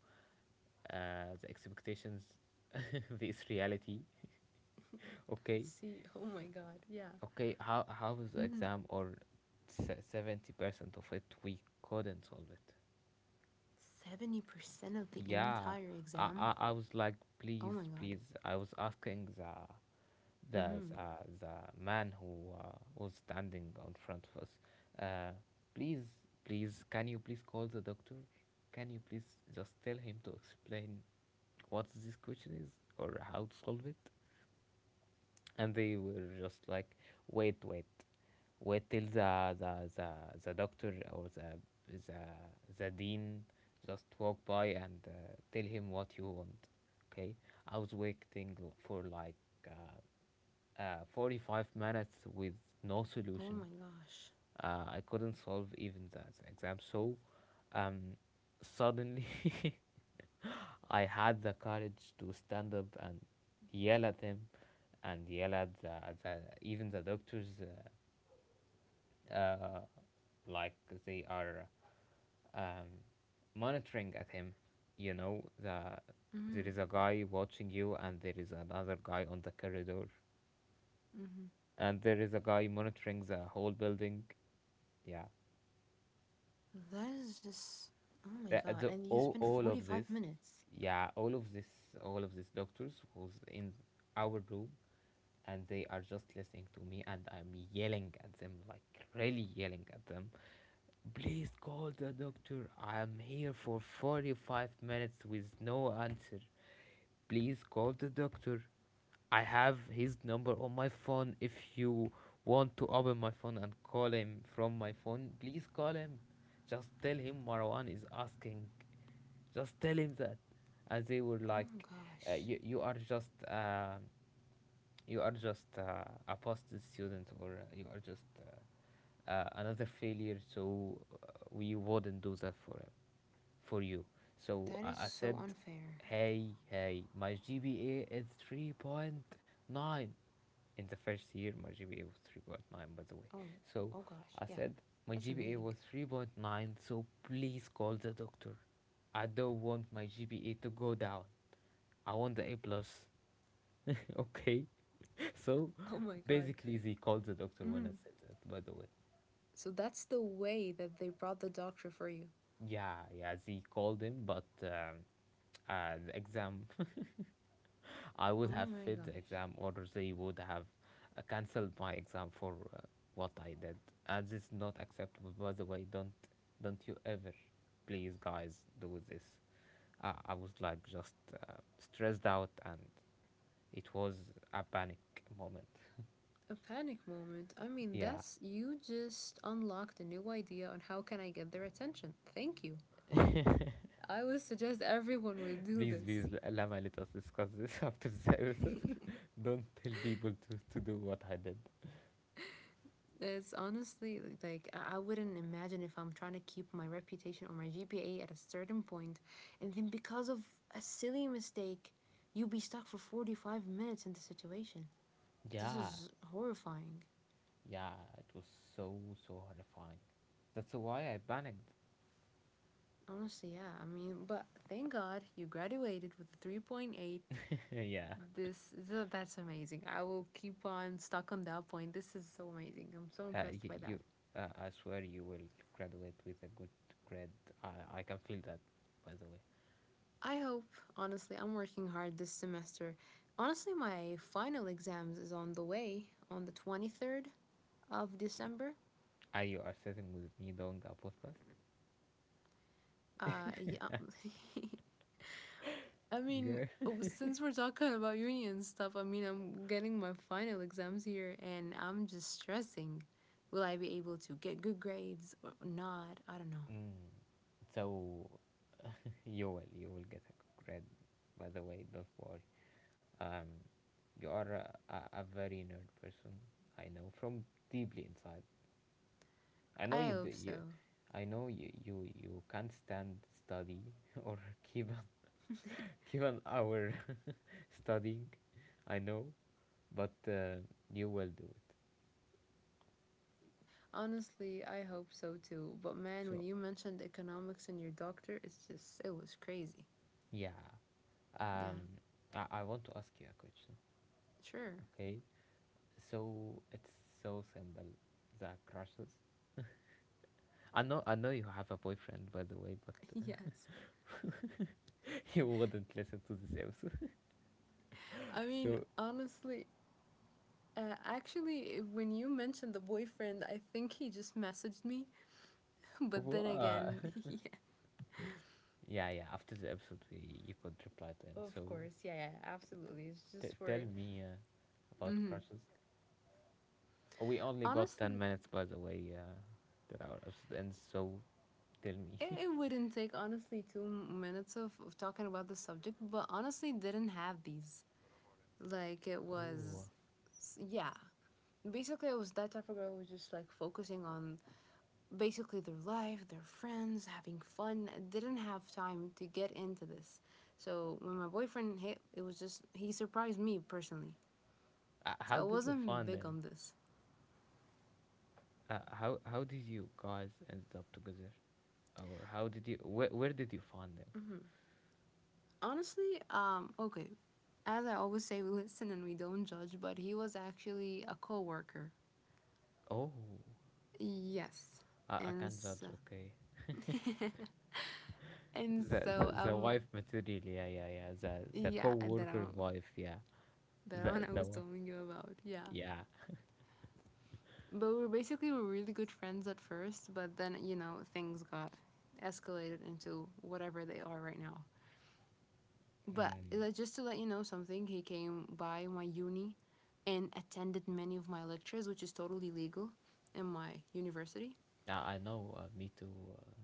the expectations, *laughs* this reality. *laughs* Okay.
See, oh my god, yeah.
Okay, how was the
Mhm.
exam? Or 70% of it we couldn't solve it.
70% of the
Yeah,
entire
I,
exam?
I, I was like,
Oh
please,
my god.
please. I was asking
Hmm.
the man who was standing on front of us, uh, please, please, can you please call the doctor? Can you please just tell him to explain what this question is or how to solve it? And they were just like, wait, wait, wait till the doctor or the the dean just walk by and tell him what you want. Okay, I was waiting for like 45 minutes with no
Oh my
solution.
gosh.
I couldn't solve even that exam. So um, suddenly, *laughs* I had the courage to stand up and yell at him and yell at even the doctors, uh, uh, like they are um, monitoring at him. You know, there
Hmm.
is a guy watching you, and there is another guy on the corridor,
Hmm.
and there is a guy monitoring the whole building. Yeah.
That is just. Oh my god. And you spend
All of
45
this.
minutes.
Yeah, all of this, all of these doctors who's in our room, and they are just listening to me, and I'm yelling at them, like really yelling at them. Please call the doctor, I'm here for 45 minutes with no answer. Please call the doctor. I have his number on my phone. If you want to open my phone and call him from my phone, please call him. Just tell him Marwan is asking. Just tell him that. And they were
Oh my
like,
gosh.
you, you are just. You are just a past student, or you are just another failure. So we wouldn't do that for you. So
That is
I
so
said,
unfair.
hey, hey, my GPA is 3.9. In the first year, my GPA was 3.9, by the way.
Oh.
So
Oh gosh.
I
Yeah.
said my
That's
GPA
amazing.
was 3.9. So please call the doctor. I don't want my GPA to go down. I want the A plus. *laughs* Okay. *laughs* So
Oh my god.
basically, Z called the doctor when I
Hmm.
said that, by the way.
So that's the way that they brought the doctor for you.
Yeah, yeah, Z called him, but the exam, *laughs* I
Oh
would have
my
failed the
gosh.
exam, or they would have cancelled my exam for what I did. And this is not acceptable, by the way. Don't you ever, please, guys, do this. I was like just stressed out, and it was a panic moment. *laughs*
A panic moment. I mean,
Yeah.
that's. You just unlocked a new idea on how can I get their attention. Thank you. I would suggest everyone would do
Please,
this.
please, Lama, let us discuss this *laughs* after the episode.
*laughs*
*laughs* Don't tell people to do what I did.
It's honestly like I wouldn't imagine if I'm trying to keep my reputation or my GPA at a certain point, and then because of a silly mistake, you be stuck for 45 minutes in the situation. This
Yeah,
is horrifying.
yeah, it was so, so horrifying. That's why I panicked.
Honestly, yeah. I mean, but thank God you graduated with a 3.8.
*laughs* Yeah,
This that's amazing. I will keep on stuck on that point. This is so amazing. I'm so impressed
you,
by that.
you I swear you will graduate with a good grade. I can feel that, by the way.
I hope, honestly, I'm working hard this semester. Honestly, my final exams is on the way on the 23rd of December.
Are you are sitting with me doing a podcast?
Yeah. *laughs* I mean,
Girl.
since we're talking about union stuff, I mean, I'm getting my final exams here and I'm just stressing. Will I be able to get good grades or not? I don't know.
Mm. So, *laughs* you will get a good grade. By the way, don't worry. Um, you are a very nerd person. I know from deeply inside. I know
I
you.
hope
You,
so.
I know you. You can't stand study *laughs* or keep an,
*laughs*
*laughs* keep an hour *laughs* studying. I know, but you will do it.
Honestly, I hope so too. But man, when
So
you mentioned economics and your doctor, it's just, it was crazy.
yeah,
Yeah.
um, I want to ask you a question.
Sure. *laughs*
Okay, so it's so simple. The crushes. I know. I know you have a boyfriend, by the way, but.
Yes.
*laughs* *laughs* He wouldn't listen to this episode.
I
*laughs*
mean,
So,
honestly, actually, when you mentioned the boyfriend, I think he just messaged me. *laughs* But then again,
what?
*laughs* yeah.
Yeah, yeah. After the episode, we, you could reply to him.
Of
So,
course. Yeah, yeah, absolutely. It's just
tell
for
me about
hmm
crushes. We only got 10
honestly,
minutes, by the way, till our episode ends. So, tell me.
it,
*laughs*
it wouldn't take honestly 2 minutes of talking about the subject, but honestly, didn't have these. Like, it
Oh.
was, yeah. Basically, I was that type of girl who was just like focusing on basically their life, their friends, having fun. I didn't have time to get into this. So when my boyfriend hit, it was just he surprised me personally. So I
How did you
wasn't
find
big
them?
on this.
How did you guys end up together? Or how did you. Where did you find them?
Mm-hmm. Honestly, okay. As I always say, we listen and we don't judge. But he was actually a coworker.
Oh.
Yes,
I
and
can't
so,
judge, okay.
*laughs* and so
The wife material, yeah, yeah, yeah, the
yeah,
co-worker wife, yeah.
that one
the
I
the
was
one,
telling you about yeah.
yeah.
But we were really good friends at first, but then you know things got escalated into whatever they are right now. But
Mm,
like, just to let you know something, he came by my uni and attended many of my lectures, which is totally legal in my university.
I know me too uh,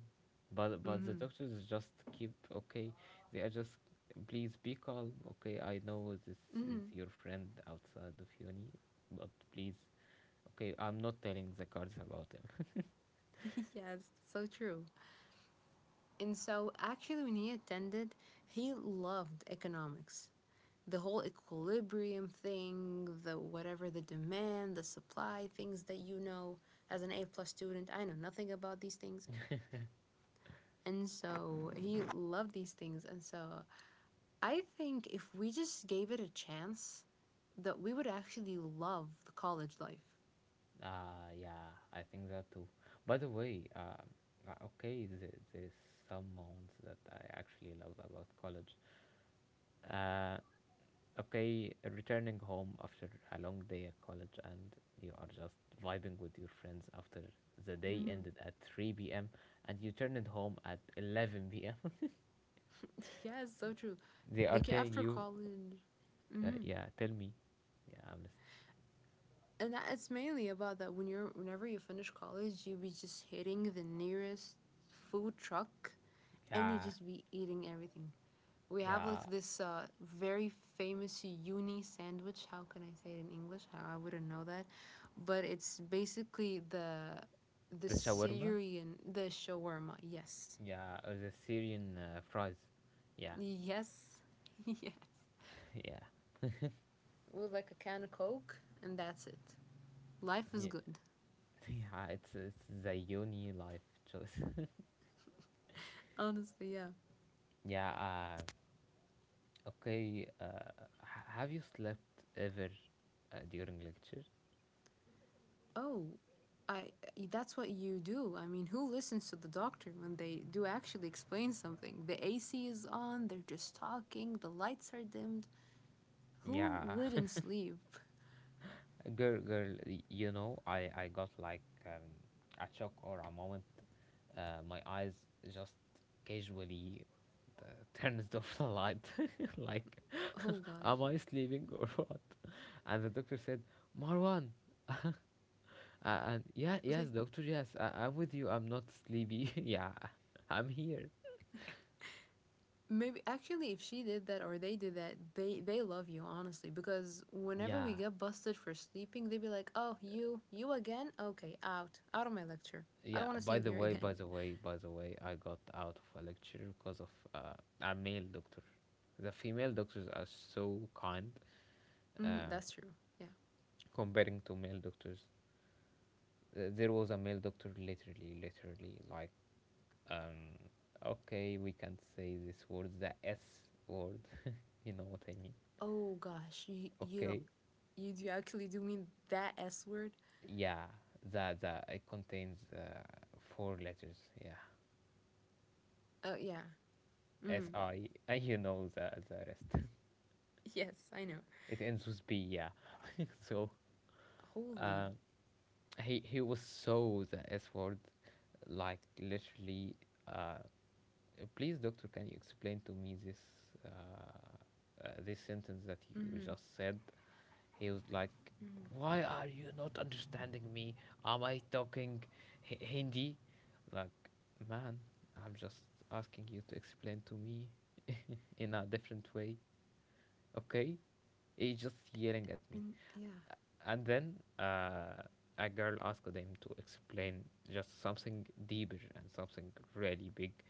but but the
Mhm.
doctors just keep, okay, they are just, please be calm, okay, I know this is
Mhm.
your friend outside of uni, but please, okay, I'm not telling the guards about him.
*laughs* Yes, so true. And so actually when he attended, he loved economics, the whole equilibrium thing, the whatever the demand, the supply, things that you know as an A plus student. I know nothing about these things. And so he loved these things. And so I think if we just gave it a chance, that we would actually love the college life.
Yeah, I think that too, by the way. Okay, there, there's some moments that I actually love about college. Uh, okay, returning home after a long day at college and you are just vibing with your friends after the day
Mm-hmm.
ended at 3 p.m. and you turned home at 11 p.m.
Yeah, it's so true.
*laughs* They are
Like
telling
after
you,
college. Mm-hmm.
yeah, tell me, yeah, I'm just,
And that it's mainly about that when you're whenever you finish college, you be just hitting the nearest food truck and you
yeah,
just be eating everything. We have like
yeah,
this very famous uni sandwich. How can I say it in English? I wouldn't know that, but it's basically the
the shawarma,
Syrian the shawarma. Yes,
yeah, or the Syrian fries, yeah,
yes, *laughs* yes.
*laughs* yeah,
With like a can of Coke, and that's it. Life is
yeah,
good.
*laughs* yeah, it's the uni life choice.
Honestly, yeah.
*laughs* Yeah, uh, okay, have you slept ever during lecture?
Oh, I that's what you do. I mean, who listens to the doctor when they do actually explain something? The AC is on, they're just talking, the lights are dimmed. Who
Yeah,
wouldn't sleep?
*laughs* girl, girl, you know, I got like a shock or a moment. My eyes just casually uh, *laughs* turns off the light. *laughs* Like, *laughs*
Oh gosh.
am I sleeping or *laughs* what? And the doctor said, Marwan. *laughs* And yeah,
Like
yes, doctor, yes, I'm with you. I'm not sleepy. *laughs* Yeah, I'm here.
maybe actually if she did that or they did that, they love you honestly because whenever we
Yeah.
get busted for sleeping, they'd be like, "Oh, you again? Okay, out. Out of my lecture. I don't
Yeah,
want to see
by
you
the
here
way,
again."
by the way, by the way, I got out of a lecture because of a male doctor. The female doctors are so kind
*laughs*
uh,
That's true. Yeah.
comparing to male doctors. There was a male doctor literally, literally like, um, okay, we can't say this word, the S word. *laughs* You know what I mean?
Oh gosh, you don't
Okay,
you do actually do mean that S word?
yeah, the it contains four letters. Yeah,
Oh, yeah. hmm
S I, *laughs* and you know the rest. *laughs*
Yes, I know.
It ends with B, yeah. *laughs* So,
Holy.
uh, he was so the S word, like literally. Uh, please, doctor, can you explain to me this uh, this sentence that you
hmm
just said? He was like, "Why are you not understanding me? Am I talking Hindi?" Like, man, I'm just asking you to explain to me *laughs* in a different way, okay, he's just yelling at me.
And yeah,
And then a girl asked him to explain just something deeper and something really big.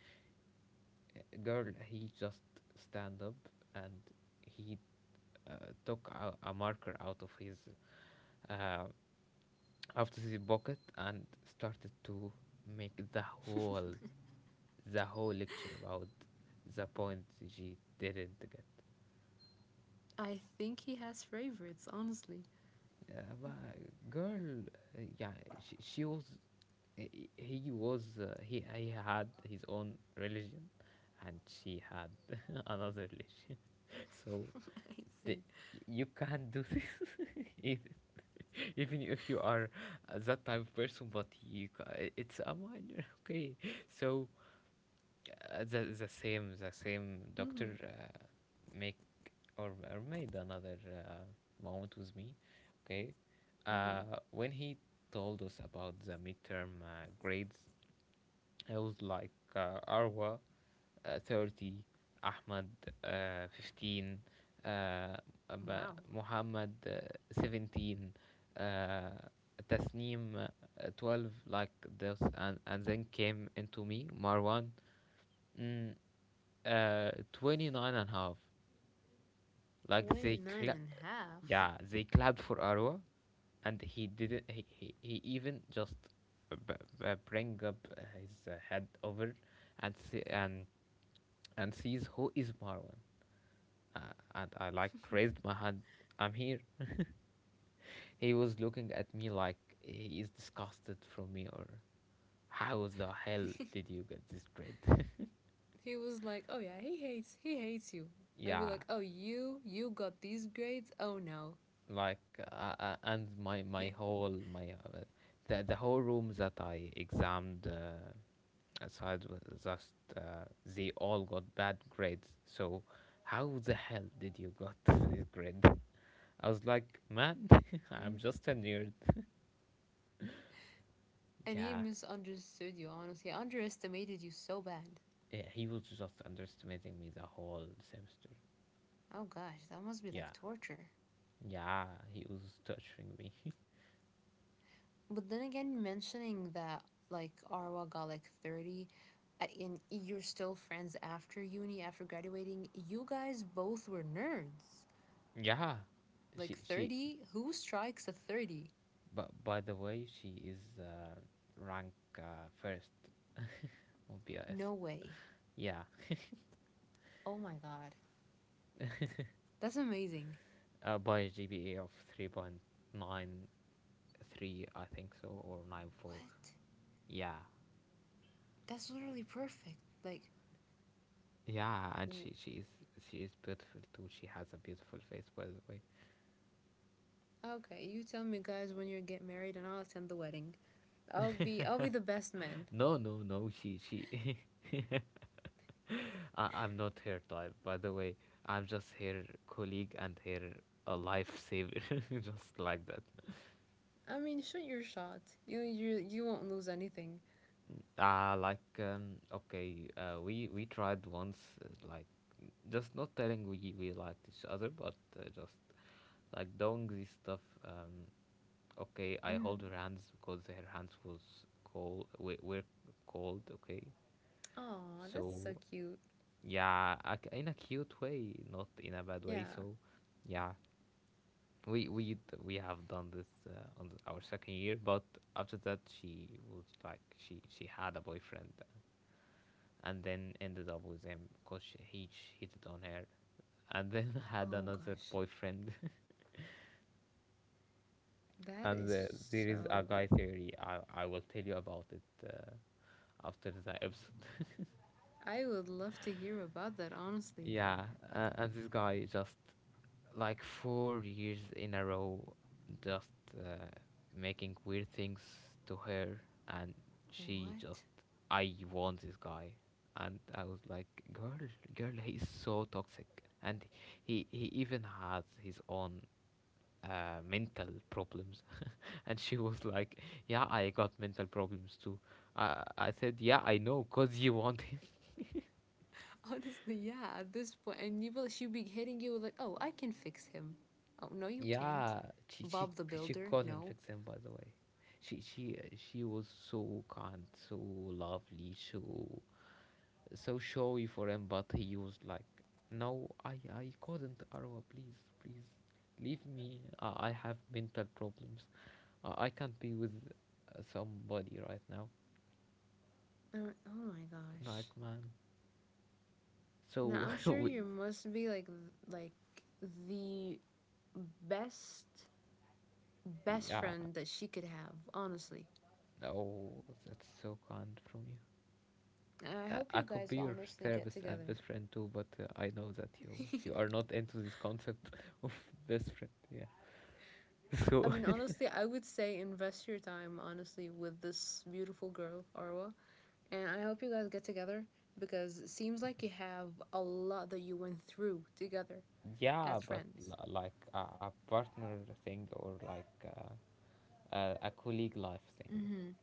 Girl, he just stand up and he took a marker uh, out of his pocket and started to make the whole, the whole lecture about the point she didn't get.
I think he has favorites, honestly.
But girl, yeah, she was, he was, he had his own religion, and she had *laughs* another religion. *laughs* So
*laughs* I
the,
see.
you can't do this, *laughs* even, even if you are that type of person. But you, it's a minor, *laughs* okay? So the same
hmm
doctor make or made another moment with me, okay.
hmm
When he told us about the midterm grades, I was like, Arwa 30, Ahmad 15, uh,
Wow.
Muhammad 17, uh, Tasneem 12, like this. And then came into me Marwan, mm, 29 and a half. like
twenty
they
nine
cla-
and a half.
yeah, they clapped for Arwa, and he didn't, he even just b- bring up his head over and see and sees who is Marwan. And I like raised my hand, "I'm here." He was looking at me like he is disgusted from me, or, how the hell did you get this grade? *laughs*
*laughs* He was like, oh yeah, he hates you. I'd be
Yeah,
like, oh, you got these grades? Oh no.
and my
Yeah.
whole my the whole room that I examined aside was just, they all got bad grades. So how the hell did you got *laughs* this grade? I was like, man, *laughs* I'm
Mm.
just a nerd.
And he
Yeah.
misunderstood you, honestly. Underestimated you so bad.
He was just underestimating me the whole semester.
Oh gosh, that must be
Yeah,
like torture.
yeah, he was torturing me. *laughs*
But then again, mentioning that like Arwa got like 30, and you're still friends after uni, after graduating, you guys both were nerds.
Yeah,
Like
she.
30? Who strikes a 30?
But by the way, she is, rank, first OBS.
No way.
Yeah,
Oh my god. That's amazing.
by GPA of 3.93, I think so, or 9 4.
What?
Yeah,
That's literally perfect. Like,
yeah, and she is beautiful too. She has a beautiful face, by the way.
okay, you tell me guys when you get married and I'll attend the wedding. I'll be the best man.
No, no, no, she. *laughs* I'm not her type, by the way. I'm just her colleague and her a lifesaver, *laughs* just like that.
I mean, shoot your shot. You won't lose anything.
Ah, like, okay, we tried once, like, just not telling we liked each other, but just like doing this stuff. Okay, I
Mm.
hold her hands because her hands was cold. We were cold. Okay,
Aw, that's so
so
cute.
yeah, in a cute way, not in a bad way.
Yeah.
So yeah, we have done this, on our second year, but after that, she was like, she had a boyfriend, and then ended up with him because he cheated on her, and then *laughs* had
Oh
another
gosh.
boyfriend. *laughs*
That
and
is
uh,
just
there is a
so.
guy theory. I will tell you about it uh, after the episode. *laughs*
I would love to hear about that, honestly.
Yeah, and this guy just, like, 4 years in a row, just uh, making weird things to her, and she just,
What?
"I want this guy," and I was like, "Girl, girl, he's so toxic, and he even has his own mental problems." *laughs* And she was like, "Yeah, I got mental problems too." I said, "Yeah, I know, cause you want him."
*laughs* Honestly, yeah, at this point, and you will, she'll be hitting you with, like, oh, I can fix him. Oh, no, you can't.
Yeah, she she
Bob the
she
Builder?
couldn't
No.
fix him, by the way. She was so kind, so lovely, so showy for him, but he was like, "No, I couldn't, Arwa. Please, please, leave me. I have mental problems. I can't be with, somebody right now."
Oh my gosh.
Like, man.
Now,
So,
I'm
*laughs*
sure
we,
you must be like, like the best, best
yeah.
friend that she could have, honestly.
Oh, that's so kind from you.
I
I
hope
I
you
could
guys
be your
honestly get
therapist and
together.
best friend too, but I know that you are
*laughs*
not into this concept *laughs* of best friend. Yeah. *laughs*
I
So
mean, honestly, I would say invest your time, honestly, with this beautiful girl, Arwa. And I hope you guys get together because it seems like you have a lot that you went through together
yeah,
as
but
friends.
like a partner thing, or like, a colleague life thing.
Mm hmm.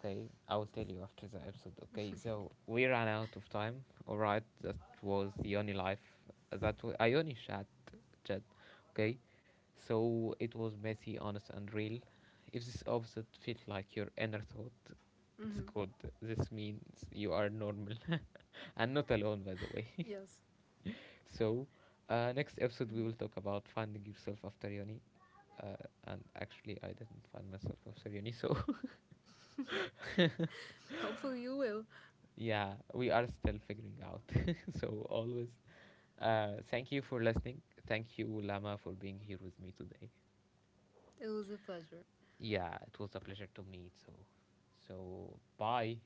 Okay, I will tell you after the episode. Okay, so we ran out of time. All right, that was the only life that I only chat. Okay. So it was messy, honest, and real. If this opposite felt like your inner thought,
Mm
it's
hmm.
good. This means you are normal *laughs* and not alone, by the way.
Yes.
*laughs* So, next episode, we will talk about finding yourself after uni. Uh, and actually, I didn't find myself after uni, so
Hopefully you will.
*laughs* yeah, we are still figuring out. *laughs* So, always, thank you for listening. Thank you, Lama, for being here with me today.
It was a pleasure.
Yeah, it was a pleasure to meet. So, so, bye.